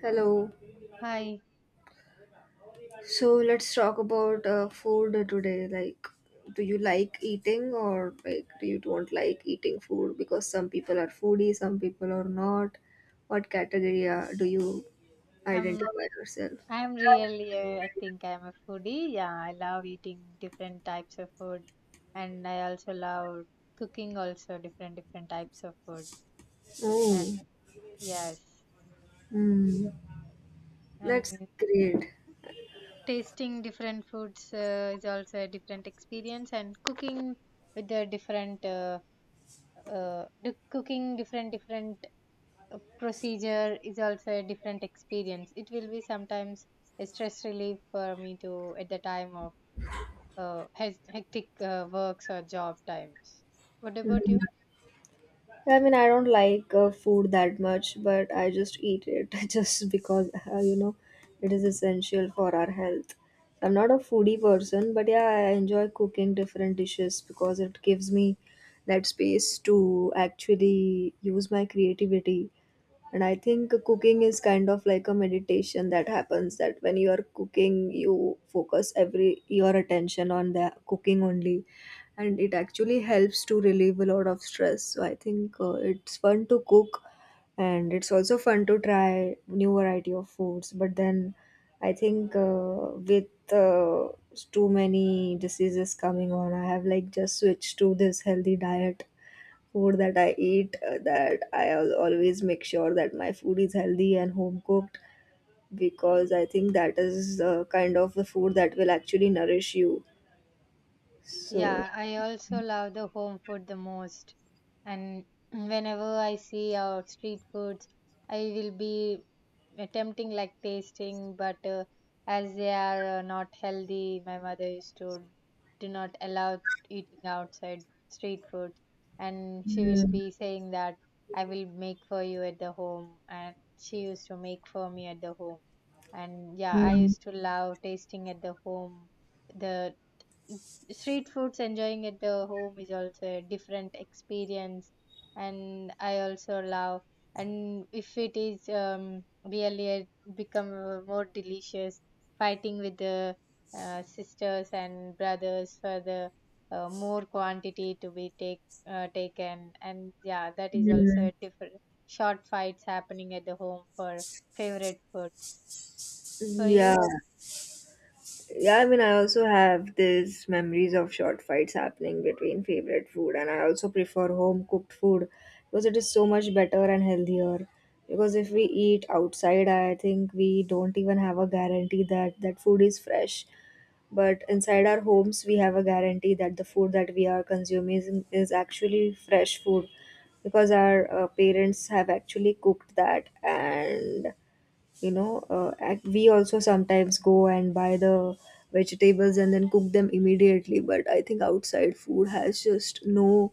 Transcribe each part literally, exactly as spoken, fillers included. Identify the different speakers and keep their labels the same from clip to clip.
Speaker 1: Hello.
Speaker 2: Hi,
Speaker 1: So let's talk about uh, food today. Like, do you like eating or like do you don't like eating food? Because some people are foodie, some people are not. What category uh, do you
Speaker 2: I'm
Speaker 1: identify yourself?
Speaker 2: I'm really uh, I think I'm a foodie. Yeah, I love eating different types of food, and I also love cooking also different different types of food. And
Speaker 1: Oh,
Speaker 2: yes,
Speaker 1: hmm. That's
Speaker 2: and
Speaker 1: great.
Speaker 2: tasting different foods uh, is also a different experience. And cooking with the different uh, uh, the cooking different different uh, procedure is also a different experience. It will be sometimes a stress relief for me to at the time of uh, hec- hectic uh, works or job times. What about
Speaker 1: Hmm.
Speaker 2: you?
Speaker 1: I mean, I don't like uh, food that much, but I just eat it just because, uh, you know, it is essential for our health. I'm not a foodie person, but yeah, I enjoy cooking different dishes because it gives me that space to actually use my creativity, and I think cooking is kind of like a meditation that happens, that when you are cooking you focus every your attention on the cooking only, and it actually helps to relieve a lot of stress. So I think uh, it's fun to cook, and it's also fun to try new variety of foods. But then I think uh, with uh, too many diseases coming on, I have like just switched to this healthy diet food that I eat, uh, that I al- always make sure that my food is healthy and home cooked, because I think that is uh, kind of the food that will actually nourish you. So,
Speaker 2: Yeah, I also love the home food the most. And whenever I see our street foods, I will be attempting like tasting, but uh, as they are uh, not healthy, my mother used to do not allow eating outside street food. And she will
Speaker 1: mm,
Speaker 2: be saying that I will make for you at the home. And she used to make for me at the home. And yeah, I
Speaker 1: mm,
Speaker 2: used to love tasting at the home, the street foods, enjoying at the home is also a different experience. And I also love, and if it is um, really a- become uh, more delicious, fighting with the uh, sisters and brothers for the uh, more quantity to be take uh, taken. And yeah, that is also
Speaker 1: mm,
Speaker 2: a different, short fights happening at the home for favorite foods for
Speaker 1: yeah.
Speaker 2: you.
Speaker 1: Yeah, I mean, I also have these memories of short fights happening between favorite food, and I also prefer home cooked food because it is so much better and healthier. Because if we eat outside, I think we don't even have a guarantee that that food is fresh. But inside our homes, we have a guarantee that the food that we are consuming is actually fresh food, because our uh, parents have actually cooked that. And you know uh, ac- we also sometimes go and buy the vegetables and then cook them immediately. But I think outside food has just no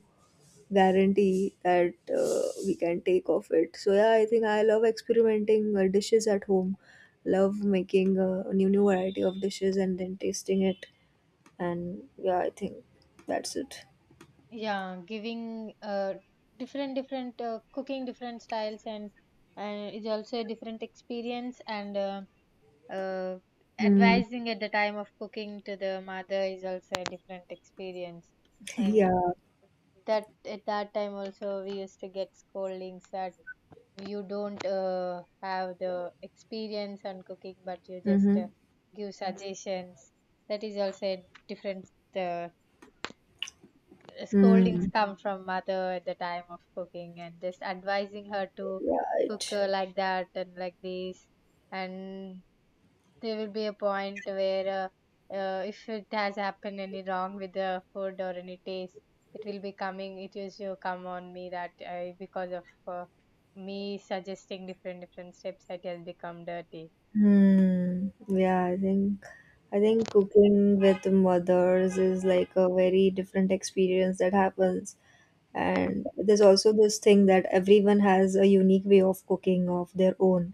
Speaker 1: guarantee that uh, we can take of it. So yeah, I think I love experimenting uh, dishes at home, love making a new new variety of dishes and then tasting it. And yeah, I think that's it.
Speaker 2: Yeah, giving uh, different different uh, cooking different styles and uh, is also a different experience. And uh, uh,
Speaker 1: Hmm.
Speaker 2: advising at the time of cooking to the mother is also a different experience. And
Speaker 1: Yeah.
Speaker 2: that at that time also we used to get scoldings that you don't uh, have the experience on cooking, but you just uh,
Speaker 1: Mm-hmm.
Speaker 2: give Mhm. suggestions, that is also a different uh, uh, scoldings
Speaker 1: Mm.
Speaker 2: come from mother at the time of cooking and just advising her to
Speaker 1: Yeah,
Speaker 2: cook
Speaker 1: it.
Speaker 2: uh, like that and like this. And there will be a point where uh, uh, if it has happened any wrong with the food or any taste, it will be coming, it used to come on me that I, because of uh, me suggesting different different steps it has become dirty.
Speaker 1: Hmm. Yeah, I think I think cooking with mothers is like a very different experience that happens. And there's also this thing that everyone has a unique way of cooking of their own,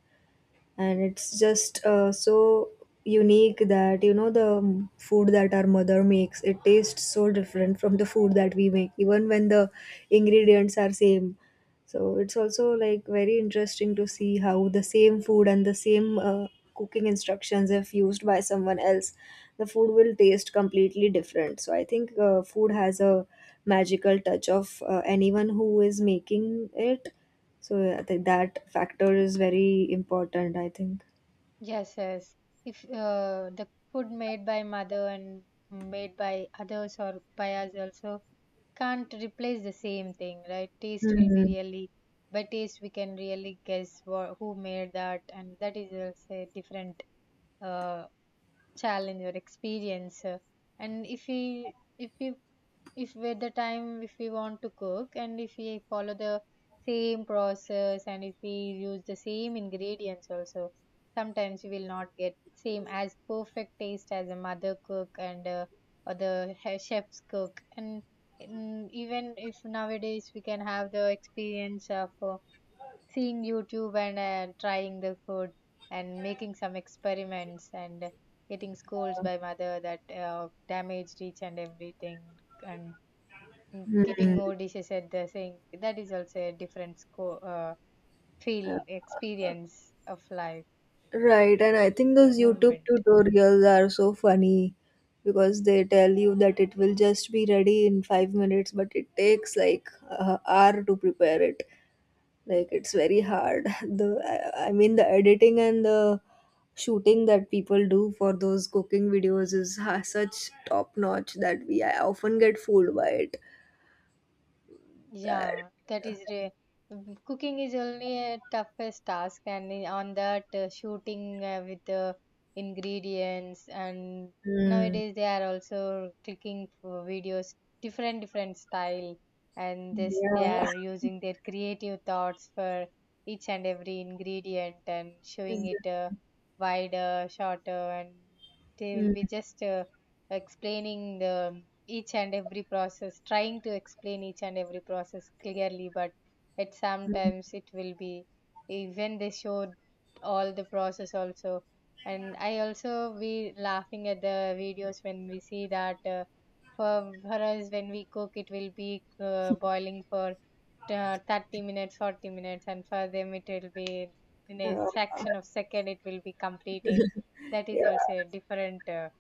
Speaker 1: and it's just uh, so unique that you know the um, food that our mother makes, it tastes so different from the food that we make, even when the ingredients are same. So it's also like very interesting to see how the same food and the same uh, cooking instructions, if used by someone else, the food will taste completely different. So I think uh, food has a magical touch of uh, anyone who is making it. So I think that factor is very important, I think.
Speaker 2: Yes, yes, if uh, the food made by mother and made by others or by us also can't replace the same thing, right? Taste will be
Speaker 1: Mhm.
Speaker 2: really, by taste we can really guess what, who made that, and that is also a different uh, challenge or experience. Uh, and if we if we if with the time if we want to cook and if we follow the same process and if we use the same ingredients also, sometimes we will not get same as perfect taste as a mother cook and uh, or the he- chef's cook. And mm, even if nowadays we can have the experience of uh, seeing YouTube and uh, trying the food and making some experiments and getting scolds by mother that uh, damaged each and everything. And mm, keeping
Speaker 1: Mhm.
Speaker 2: more dishes at the sink, that is also a different sco- uh,
Speaker 1: Uh,
Speaker 2: feel experience of life
Speaker 1: Right, and I think those YouTube
Speaker 2: movement.
Speaker 1: tutorials are so funny because they tell you that it will just be ready in five minutes, but it takes like a hour to prepare it. Like it's very hard. The I I mean the editing and the shooting that people do for those cooking videos is ha- such top notch that we I often get fooled by it. That.
Speaker 2: Yeah, that is re- mm, cooking is only a toughest task, and i- on that uh, shooting uh, with the ingredients, and
Speaker 1: Mm.
Speaker 2: nowadays they are also clicking for videos, different different style, and this they
Speaker 1: Yeah.
Speaker 2: are using their creative thoughts for each and every ingredient and showing
Speaker 1: Ex-
Speaker 2: it uh, wider, shorter, and they will
Speaker 1: Hmm.
Speaker 2: be just uh, explaining the each and every process, trying to explain each and every process clearly, but at sometimes it will be, even they showed all the process also. And I also be laughing at the videos when we see that uh, for for us when we cook it will be uh, boiling for uh, thirty minutes, forty minutes, and for them it will be in a
Speaker 1: Uh,
Speaker 2: fraction of second it will be completing. That is
Speaker 1: yeah,
Speaker 2: also a different uh,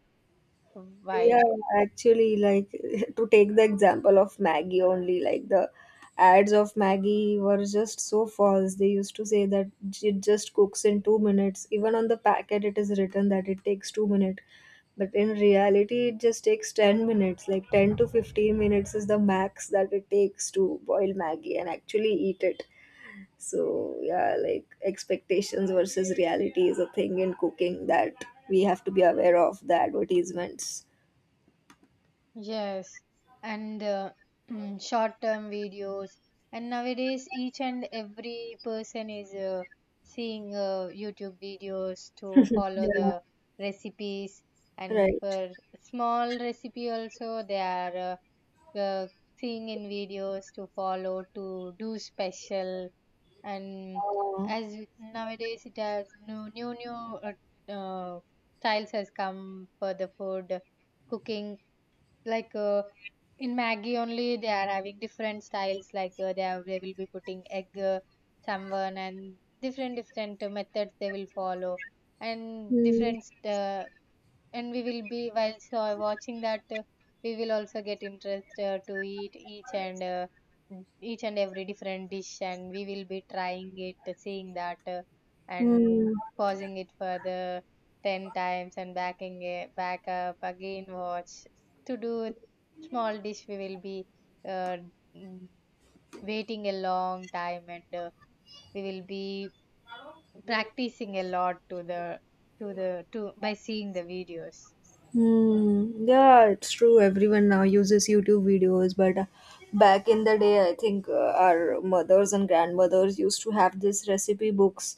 Speaker 1: yeah,
Speaker 2: vibe.
Speaker 1: yeah. Actually, like to take the example of Maggie only, like the ads of Maggie were just so false. They used to say that it just cooks in two minutes. Even on the packet, it is written that it takes two minutes. But in reality, it just takes ten minutes. Like ten to fifteen minutes is the max that it takes to boil Maggie and actually eat it. So, yeah, like expectations versus reality is a thing in cooking that we have to be aware of the advertisements.
Speaker 2: Yes, and uh, short-term videos. And nowadays, each and every person is uh, seeing uh, YouTube videos to follow
Speaker 1: Yeah.
Speaker 2: the recipes. And
Speaker 1: Right.
Speaker 2: for small recipe also, they are uh, uh, seeing in videos to follow to do special. And
Speaker 1: Uh,
Speaker 2: as nowadays, it has new new new uh, uh, styles has come for the food cooking, like uh, in Maggie only they are having different styles, like uh, they are, they will be putting egg uh, someone and different different uh, methods they will follow and
Speaker 1: hmm.
Speaker 2: different uh, and we will be while so watching that uh, we will also get interest uh, to eat each and uh, each and every different dish, and we will be trying it uh, seeing that uh, and
Speaker 1: Hmm.
Speaker 2: pausing it further ten times and backing it back up again, watch to do small dish we will be uh, mm, waiting a long time, and uh, we will be practicing a lot to the to the to by seeing the videos.
Speaker 1: Hmm. Yeah, it's true. Everyone now uses YouTube videos, but uh, back in the day, I think uh, our mothers and grandmothers used to have these recipe books,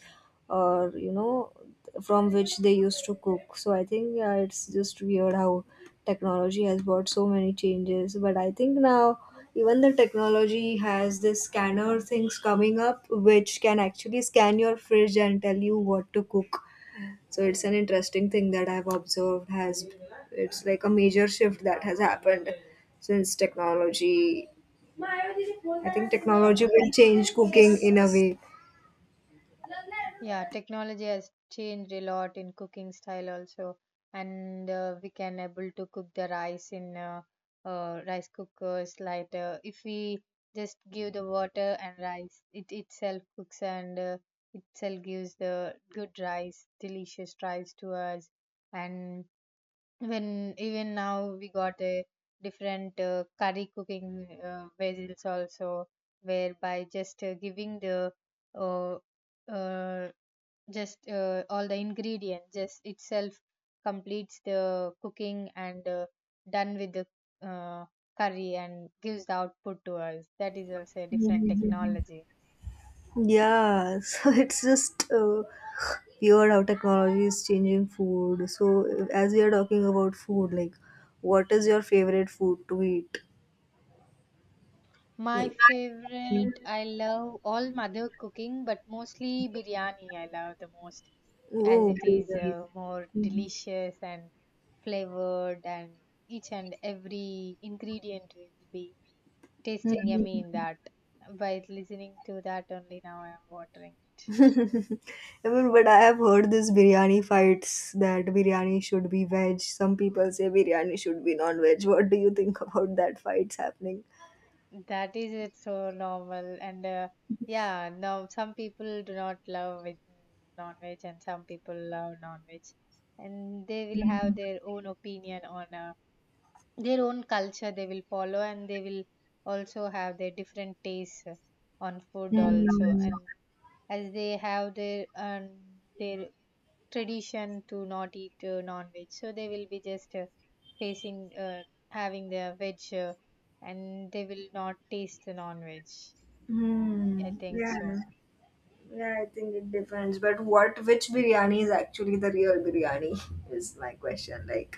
Speaker 1: or you know, from which they used to cook. So I think yeah, it's just weird how technology has brought so many changes. But I think now even the technology has this scanner things coming up, which can actually scan your fridge and tell you what to cook. So it's an interesting thing that I've observed has it's like a major shift that has happened since technology. I think
Speaker 2: Yeah.
Speaker 1: technology will change cooking in a way.
Speaker 2: Yeah, technology has changed a lot in cooking style also, and uh, we can able to cook the rice in uh, uh, rice cookers. Like uh, if we just give the water and rice, it itself cooks and uh, itself gives the good rice, delicious rice to us. And when even now we got a different uh, curry cooking uh, vessels also, whereby just uh, giving the uh, uh, just uh, all the ingredients just itself completes the cooking and uh, done with the uh, curry and gives the output to us, that is also a different
Speaker 1: Mhm.
Speaker 2: technology.
Speaker 1: Yeah, so it's just uh, weird how technology is changing food. So as we are talking about food, like what is your favorite food to eat?
Speaker 2: My
Speaker 1: Like
Speaker 2: favorite, I love all mother cooking, but mostly biryani I love the most, as
Speaker 1: oh,
Speaker 2: it is
Speaker 1: biryani.
Speaker 2: uh, more delicious and flavored and each and every ingredient will be tasting yummy in that. By listening to that only, now I am watering
Speaker 1: I mean, but I have heard this biryani fights that biryani should be veg. Some people say biryani should be non-veg. What do you think about that fights happening?
Speaker 2: it. That is it, so normal. And uh, yeah, now some people do not love with non-veg and some people love non-veg, and they will have
Speaker 1: Mm,
Speaker 2: their own opinion on uh, their own culture they will follow, and they will also have their different tastes on food
Speaker 1: mm,
Speaker 2: also. And as they have their um, their tradition to not eat uh, non-veg, so they will be just uh, facing uh, having their veg uh, and they will not taste the non-veg, I
Speaker 1: hmm.
Speaker 2: think
Speaker 1: Yeah.
Speaker 2: so.
Speaker 1: Yeah, I think it depends. But what, which biryani is actually the real biryani is my question. Like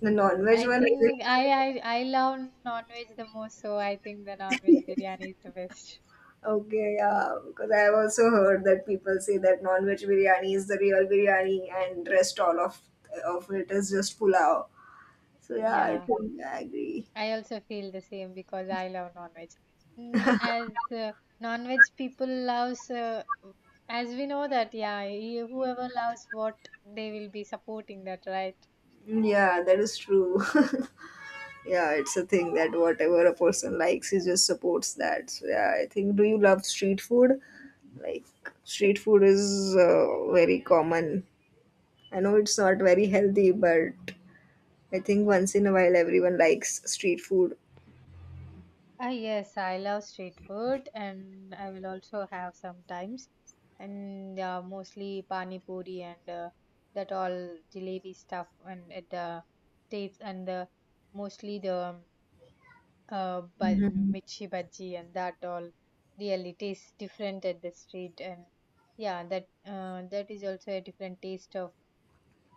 Speaker 1: the non-veg
Speaker 2: I
Speaker 1: one. Is it?
Speaker 2: think I I, I love non-veg the most, so I think the non-veg biryani is the best.
Speaker 1: Okay, yeah, because I have also heard that people say that non-veg biryani is the real biryani, and rest all of of it is just pulao. So yeah, I
Speaker 2: Yeah,
Speaker 1: think I agree.
Speaker 2: I also feel the same because I love non-veg. Mm, as uh, non-veg people loves uh, as we know that yeah he- whoever loves what they will be supporting that, right?
Speaker 1: Mm, yeah, that is true. Yeah, it's a thing that whatever a person likes, he just supports that. So yeah, I think. Do you love street food? Like street food is uh, very common. I know it's not very healthy, but I think once in a while everyone likes street food.
Speaker 2: Ah, yes, I love street food and I will also have sometimes. And uh, mostly pani puri and uh, that all jalebi stuff and at the states and the mostly the um, uh, but
Speaker 1: Mhm.
Speaker 2: michi bhaji and that all really tastes different at the street. And yeah, that uh, that is also a different taste of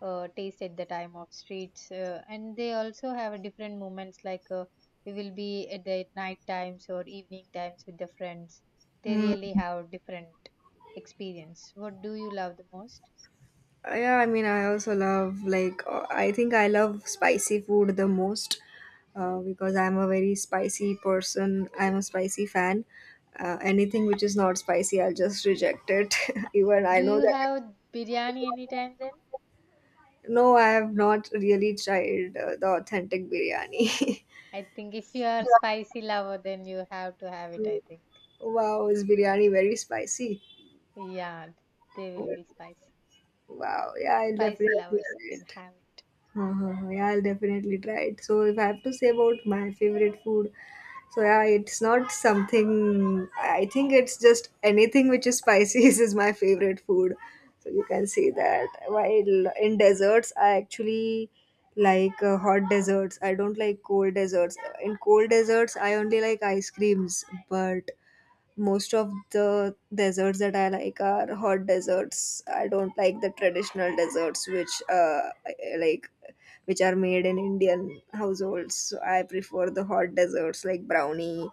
Speaker 2: uh, taste at the time of streets uh, and they also have a different moments like uh, we will be at the night times or evening times with the friends, they
Speaker 1: Hmm.
Speaker 2: really have different experience. What do you love the most?
Speaker 1: Uh, Yeah, I mean, I also love like uh, I think I love spicy food the most, uh, because I'm a very spicy person. I'm a spicy fan. Uh, anything which is not spicy, I'll just reject it. Even I
Speaker 2: Do
Speaker 1: know
Speaker 2: you
Speaker 1: that.
Speaker 2: have biryani anytime then?
Speaker 1: No, I have not really tried uh, the authentic biryani.
Speaker 2: I think if you are spicy lover then you have to have it, I think.
Speaker 1: Wow, is biryani very spicy?
Speaker 2: Yeah, they
Speaker 1: Oh,
Speaker 2: will be spicy.
Speaker 1: wow, yeah, I'll
Speaker 2: Spicy
Speaker 1: definitely
Speaker 2: lovers
Speaker 1: try
Speaker 2: can
Speaker 1: it.
Speaker 2: have it.
Speaker 1: Huh, huh, huh. Yeah, I'll definitely try it. So if I have to say about my favorite food, so yeah, it's not something. I think it's just anything which is spicy is my favorite food. So you can say that. While in desserts, I actually like uh, hot desserts. I don't like cold desserts. In cold desserts, I only like ice creams. But most of the desserts that I like are hot desserts. I don't like the traditional desserts which uh I- like which are made in Indian households. So I prefer the hot desserts like brownie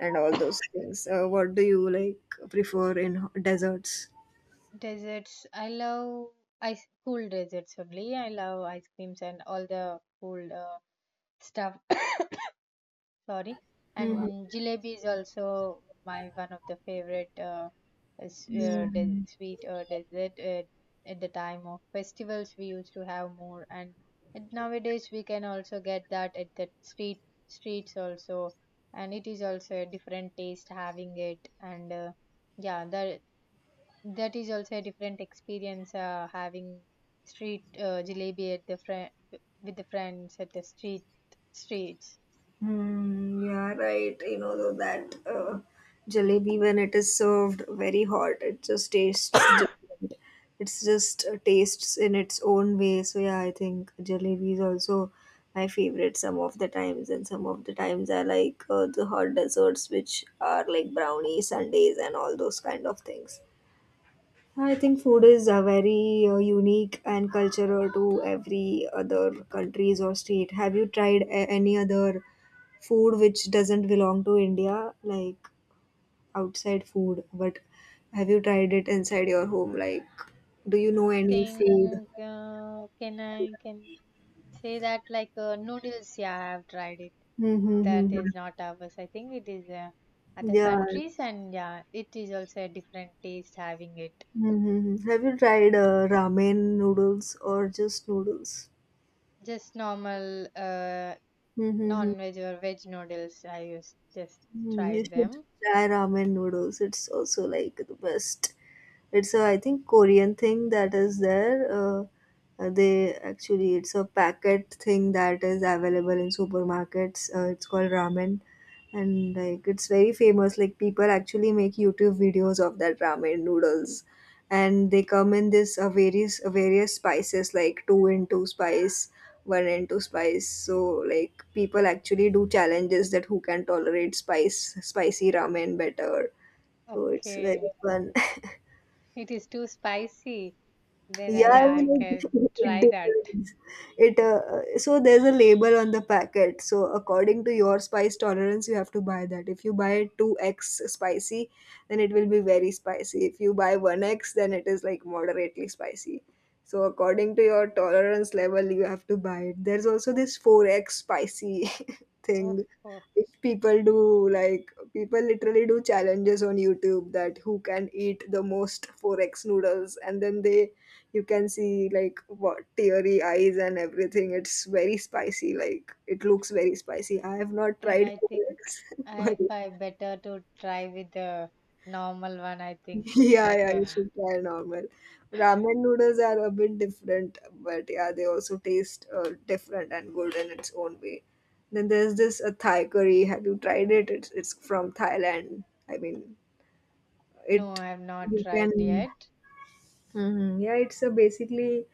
Speaker 1: and all those things. Uh, what do you like prefer in ho- desserts?
Speaker 2: Desserts. I love ice cool desserts only. I love ice creams and all the cool uh, stuff. Sorry.
Speaker 1: Hmm.
Speaker 2: And jalebi is also my one of the favorite uh, s- uh, de- sweet uh, dessert. Uh, at the time of festivals, we used to have more, and and nowadays we can also get that at the street streets also, and it is also a different taste having it. And uh, yeah, the that is also a different experience uh, having street uh, jalebi at the friend, with the friends at the street streets.
Speaker 1: Mm, yeah, right. You know, though that uh, jalebi, when it is served very hot, it just tastes different. It's just uh, tastes in its own way. So, yeah, I think jalebi is also my favorite some of the times. And some of the times I like uh, the hot desserts, which are like brownies, sundaes, and all those kind of things. I think food is uh, very uh, unique and cultural to every other countries or state. Have you tried a- any other food which doesn't belong to India, like outside food, but have you tried it inside your home? Like, do you
Speaker 2: I
Speaker 1: know any food?
Speaker 2: think uh, can I can say that like uh, noodles? Yeah, I have tried it. That
Speaker 1: Mm-hmm.
Speaker 2: is not ours. I think it is uh, other
Speaker 1: Yeah.
Speaker 2: countries, and yeah, it is also a different taste having it.
Speaker 1: Mm-hmm. Have you tried uh, ramen noodles or just noodles?
Speaker 2: Just normal uh,
Speaker 1: Mm-hmm.
Speaker 2: non-veg or veg noodles. I used just
Speaker 1: Mm, you
Speaker 2: tried
Speaker 1: should
Speaker 2: them.
Speaker 1: try ramen noodles. It's also like the best. It's a I think Korean thing that is there. Uh, uh, they actually it's a packet thing that is available in supermarkets. Uh, it's called ramen, and like it's very famous. Like people actually make YouTube videos of that ramen noodles, and they come in this uh, various various spices like two and two spice were into spice. So like people actually do challenges that who can tolerate spice spicy ramen better. So it's very
Speaker 2: Okay.
Speaker 1: fun.
Speaker 2: It is too spicy. Then
Speaker 1: Yeah,
Speaker 2: I,
Speaker 1: I
Speaker 2: yeah, I
Speaker 1: mean, it,
Speaker 2: can
Speaker 1: it
Speaker 2: try that.
Speaker 1: depends. It uh, so there's a label on the packet. So according to your spice tolerance, you have to buy that. If you buy two x spicy, then it will be very spicy. If you buy one x, then it is like moderately spicy. So according to your tolerance level, you have to buy it. There's also this four x spicy
Speaker 2: Oh,
Speaker 1: thing.
Speaker 2: oh.
Speaker 1: If people do like people literally do challenges on YouTube that who can eat the most four x noodles, and then they you can see like what teary eyes and everything. It's very spicy. Like it looks very spicy. I have not
Speaker 2: Then
Speaker 1: tried
Speaker 2: I think
Speaker 1: four x but
Speaker 2: I find better to try with the normal one. I think it's
Speaker 1: yeah, yeah, you
Speaker 2: better.
Speaker 1: should try normal. Ramen noodles are a bit different, but yeah, they also taste uh, different and good in its own way. Then there's this uh, Thai curry. Have you tried it? It's it's from Thailand. I mean,
Speaker 2: No,
Speaker 1: it
Speaker 2: I have not
Speaker 1: you
Speaker 2: tried
Speaker 1: can
Speaker 2: yet.
Speaker 1: mhm. Yeah, it's a basically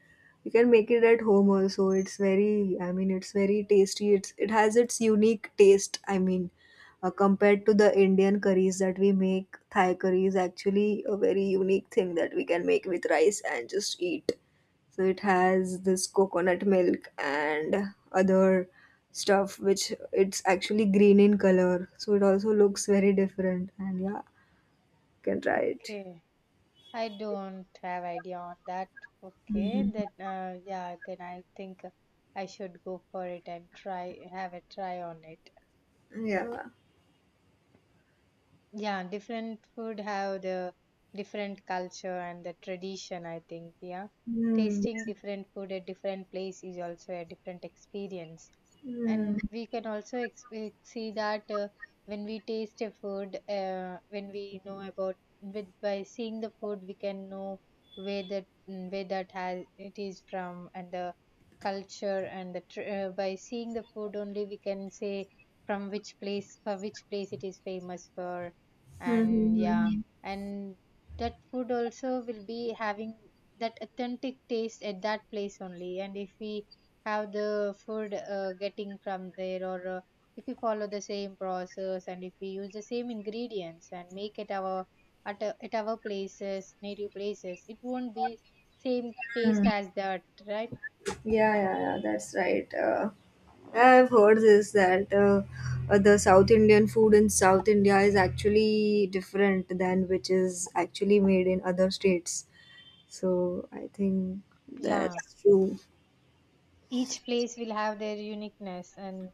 Speaker 1: you can make it at home also. It's very, I mean, it's very tasty. It's it has its unique taste. I mean, uh, compared to the Indian curries that we make, Thai curry is actually a very unique thing that we can make with rice and just eat. So it has this coconut milk and other stuff which it's actually green in color. So it also looks very different. And yeah, you can try it.
Speaker 2: Okay. I don't have idea on that. Okay, then uh, yeah, then I think I should go for it and try, have a try on it.
Speaker 1: Yeah.
Speaker 2: Yeah, different food have the different culture and the tradition, I think. Yeah.
Speaker 1: Hmm.
Speaker 2: Tasting different food at different place is also a different experience,
Speaker 1: Hmm.
Speaker 2: and we can also exp- see that uh, when we taste a food uh, when we know about, with by seeing the food we can know where that mm, where that has it is from, and the culture and the tr- uh, by seeing the food only we can say from which place, for which place it is famous for. And yeah,
Speaker 1: Mm-hmm.
Speaker 2: and that food also will be having that authentic taste at that place only, and if we have the food uh, getting from there, or uh, if we follow the same process and if we use the same ingredients and make it our at, a- at our places, native places, it won't be same
Speaker 1: Mm.
Speaker 2: taste as that, right?
Speaker 1: Yeah, yeah, yeah, that's right. Uh, I've heard this that uh, uh, the South Indian food in South India is actually different than which is actually made in other states. So I think
Speaker 2: Yeah,
Speaker 1: that's true.
Speaker 2: each place will have their uniqueness, and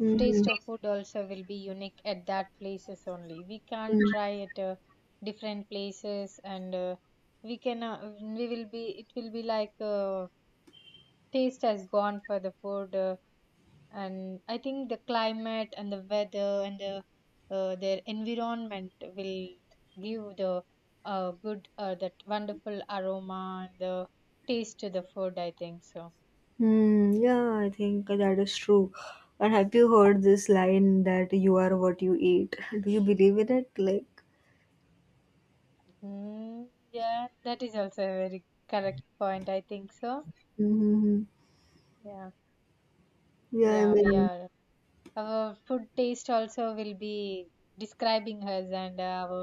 Speaker 1: Mm-hmm.
Speaker 2: taste of food also will be unique at that places only, we
Speaker 1: Mm.
Speaker 2: can't try at uh, different places. And uh, we can uh, we will be, it will be like uh, taste has gone for the food uh, and I think the climate and the weather and the uh, their environment will give the uh, good uh, that wonderful aroma and the taste to the food, I think so.
Speaker 1: Mm, yeah, I think that is true. And have you heard this line that you are what you eat? Do you believe in it? Like,
Speaker 2: Mm, yeah, that is also a very correct point, I think so.
Speaker 1: mm-hmm.
Speaker 2: Yeah,
Speaker 1: Yeah, I
Speaker 2: yeah, we
Speaker 1: mean.
Speaker 2: are, our food taste also will be describing us and uh, our,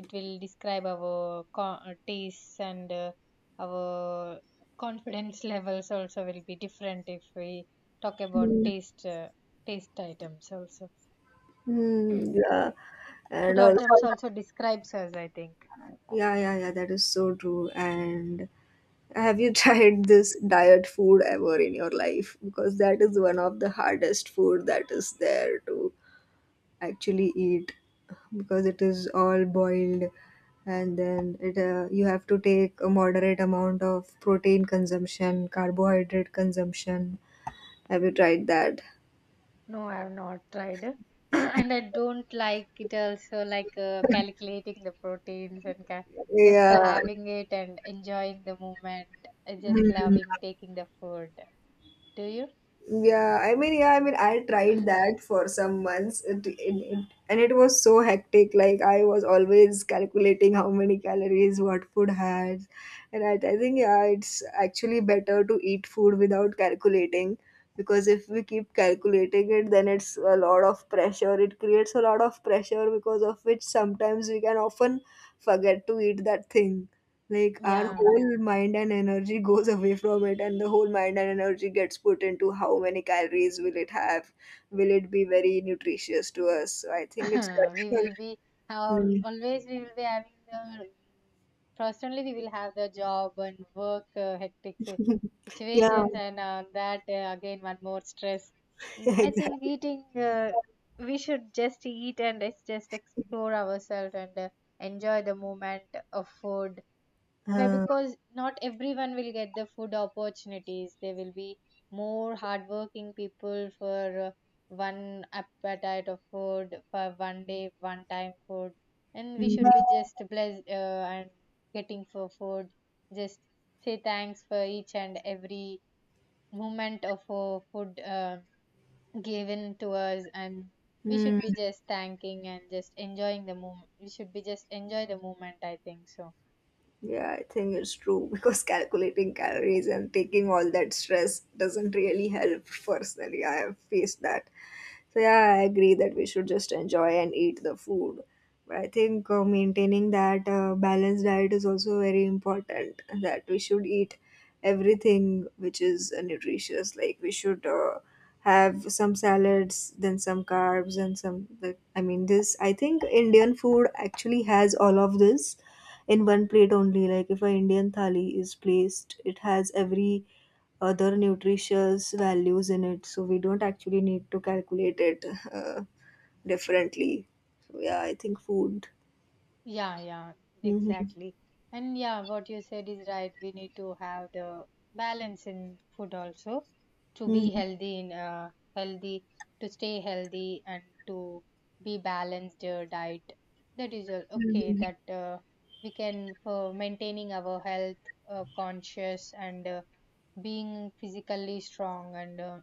Speaker 2: it will describe our co- uh, tastes and uh, our confidence levels also will be different if we talk about
Speaker 1: Mm-hmm.
Speaker 2: taste uh, taste items also.
Speaker 1: Hmm. Yeah,
Speaker 2: Food
Speaker 1: and also,
Speaker 2: items also describes us, I think.
Speaker 1: yeah, yeah, yeah, that is so true. And have you tried this diet food ever in your life? Because that is one of the hardest food that is there to actually eat because it is all boiled and then it uh, you have to take a moderate amount of protein consumption, carbohydrate consumption. Have you tried that?
Speaker 2: No, I have not tried. And I don't like it also, like uh, calculating the proteins and ca just
Speaker 1: Yeah.
Speaker 2: having it and enjoying the moment. I just loving taking the food. Do you?
Speaker 1: Yeah, I mean, yeah, I mean, I tried that for some months, it, it, it, and it was so hectic. Like I was always calculating how many calories what food has, and I, I think yeah, it's actually better to eat food without calculating, because if we keep calculating it, then it's a lot of pressure. It creates a lot of pressure because of which sometimes we can often forget to eat that thing, like our
Speaker 2: Yeah.
Speaker 1: whole mind and energy goes away from it and the whole mind and energy gets put into how many calories will it have, will it be very nutritious to us. So I think it's
Speaker 2: We
Speaker 1: better.
Speaker 2: will be how
Speaker 1: Hmm.
Speaker 2: always we will be having the first only we will have the job and work uh, hectic si-
Speaker 1: Yeah.
Speaker 2: situations, and uh, that uh, again one more stress. Mm, I think
Speaker 1: Exactly.
Speaker 2: eating uh, we should just eat and it's just explore ourselves and uh, enjoy the moment of food. Why?
Speaker 1: uh,
Speaker 2: Because not everyone will get the food opportunities. There will be more hardworking people for uh, one appetite of food, for one day, one time food. And we should be
Speaker 1: hmm.
Speaker 2: just blessed uh, and getting for food. Just say thanks for each and every moment of uh, food uh, given to us. And we
Speaker 1: Hmm.
Speaker 2: should be just thanking and just enjoying the moment. We should be just enjoy the moment, I think so.
Speaker 1: Yeah, I think it's true because calculating calories and taking all that stress doesn't really help personally. I have faced that. So, yeah, I agree that we should just enjoy and eat the food. But I think uh, maintaining that uh, balanced diet is also very important, that we should eat everything which is uh, nutritious. Like, we should uh, have some salads, then some carbs, and some. Like, I mean, this, I think Indian food actually has all of this in one plate only. Like if a Indian thali is placed, it has every other nutritious values in it, so we don't actually need to calculate it uh, differently. So yeah, I think food.
Speaker 2: Yeah, yeah,
Speaker 1: Mhm.
Speaker 2: exactly. And yeah, what you said is right. We need to have the balance in food also, to be
Speaker 1: Mhm.
Speaker 2: healthy in uh, healthy, to stay healthy and to be balanced uh, diet. That is all okay
Speaker 1: Mhm.
Speaker 2: that uh, we can, for maintaining our health uh, conscious and uh, being physically strong and uh,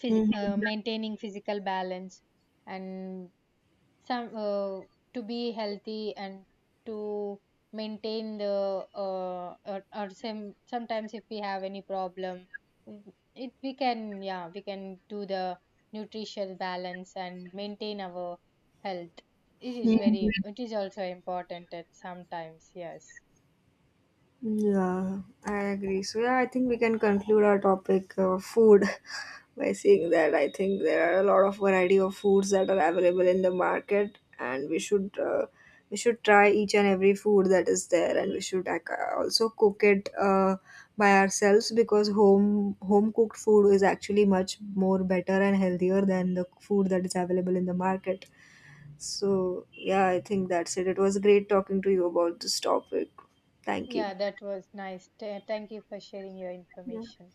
Speaker 2: phys-
Speaker 1: Mhm.
Speaker 2: uh, maintaining physical balance and some uh, to be healthy and to maintain the uh, or, or some sometimes if we have any problem, mm, it we can, yeah, we can do the nutritional balance and maintain our health. It is very,
Speaker 1: Mhm.
Speaker 2: it is also important at sometimes, yes.
Speaker 1: Yeah, I agree. So yeah, I think we can conclude our topic of food by saying that I think there are a lot of variety of foods that are available in the market, and we should uh, we should try each and every food that is there, and we should ac- also cook it uh, by ourselves, because home home cooked food is actually much more better and healthier than the food that is available in the market. So yeah, I think that's it. It was great talking to you about this topic. Thank you.
Speaker 2: Yeah, that was nice. Th- thank you for sharing your
Speaker 1: Yeah.
Speaker 2: information.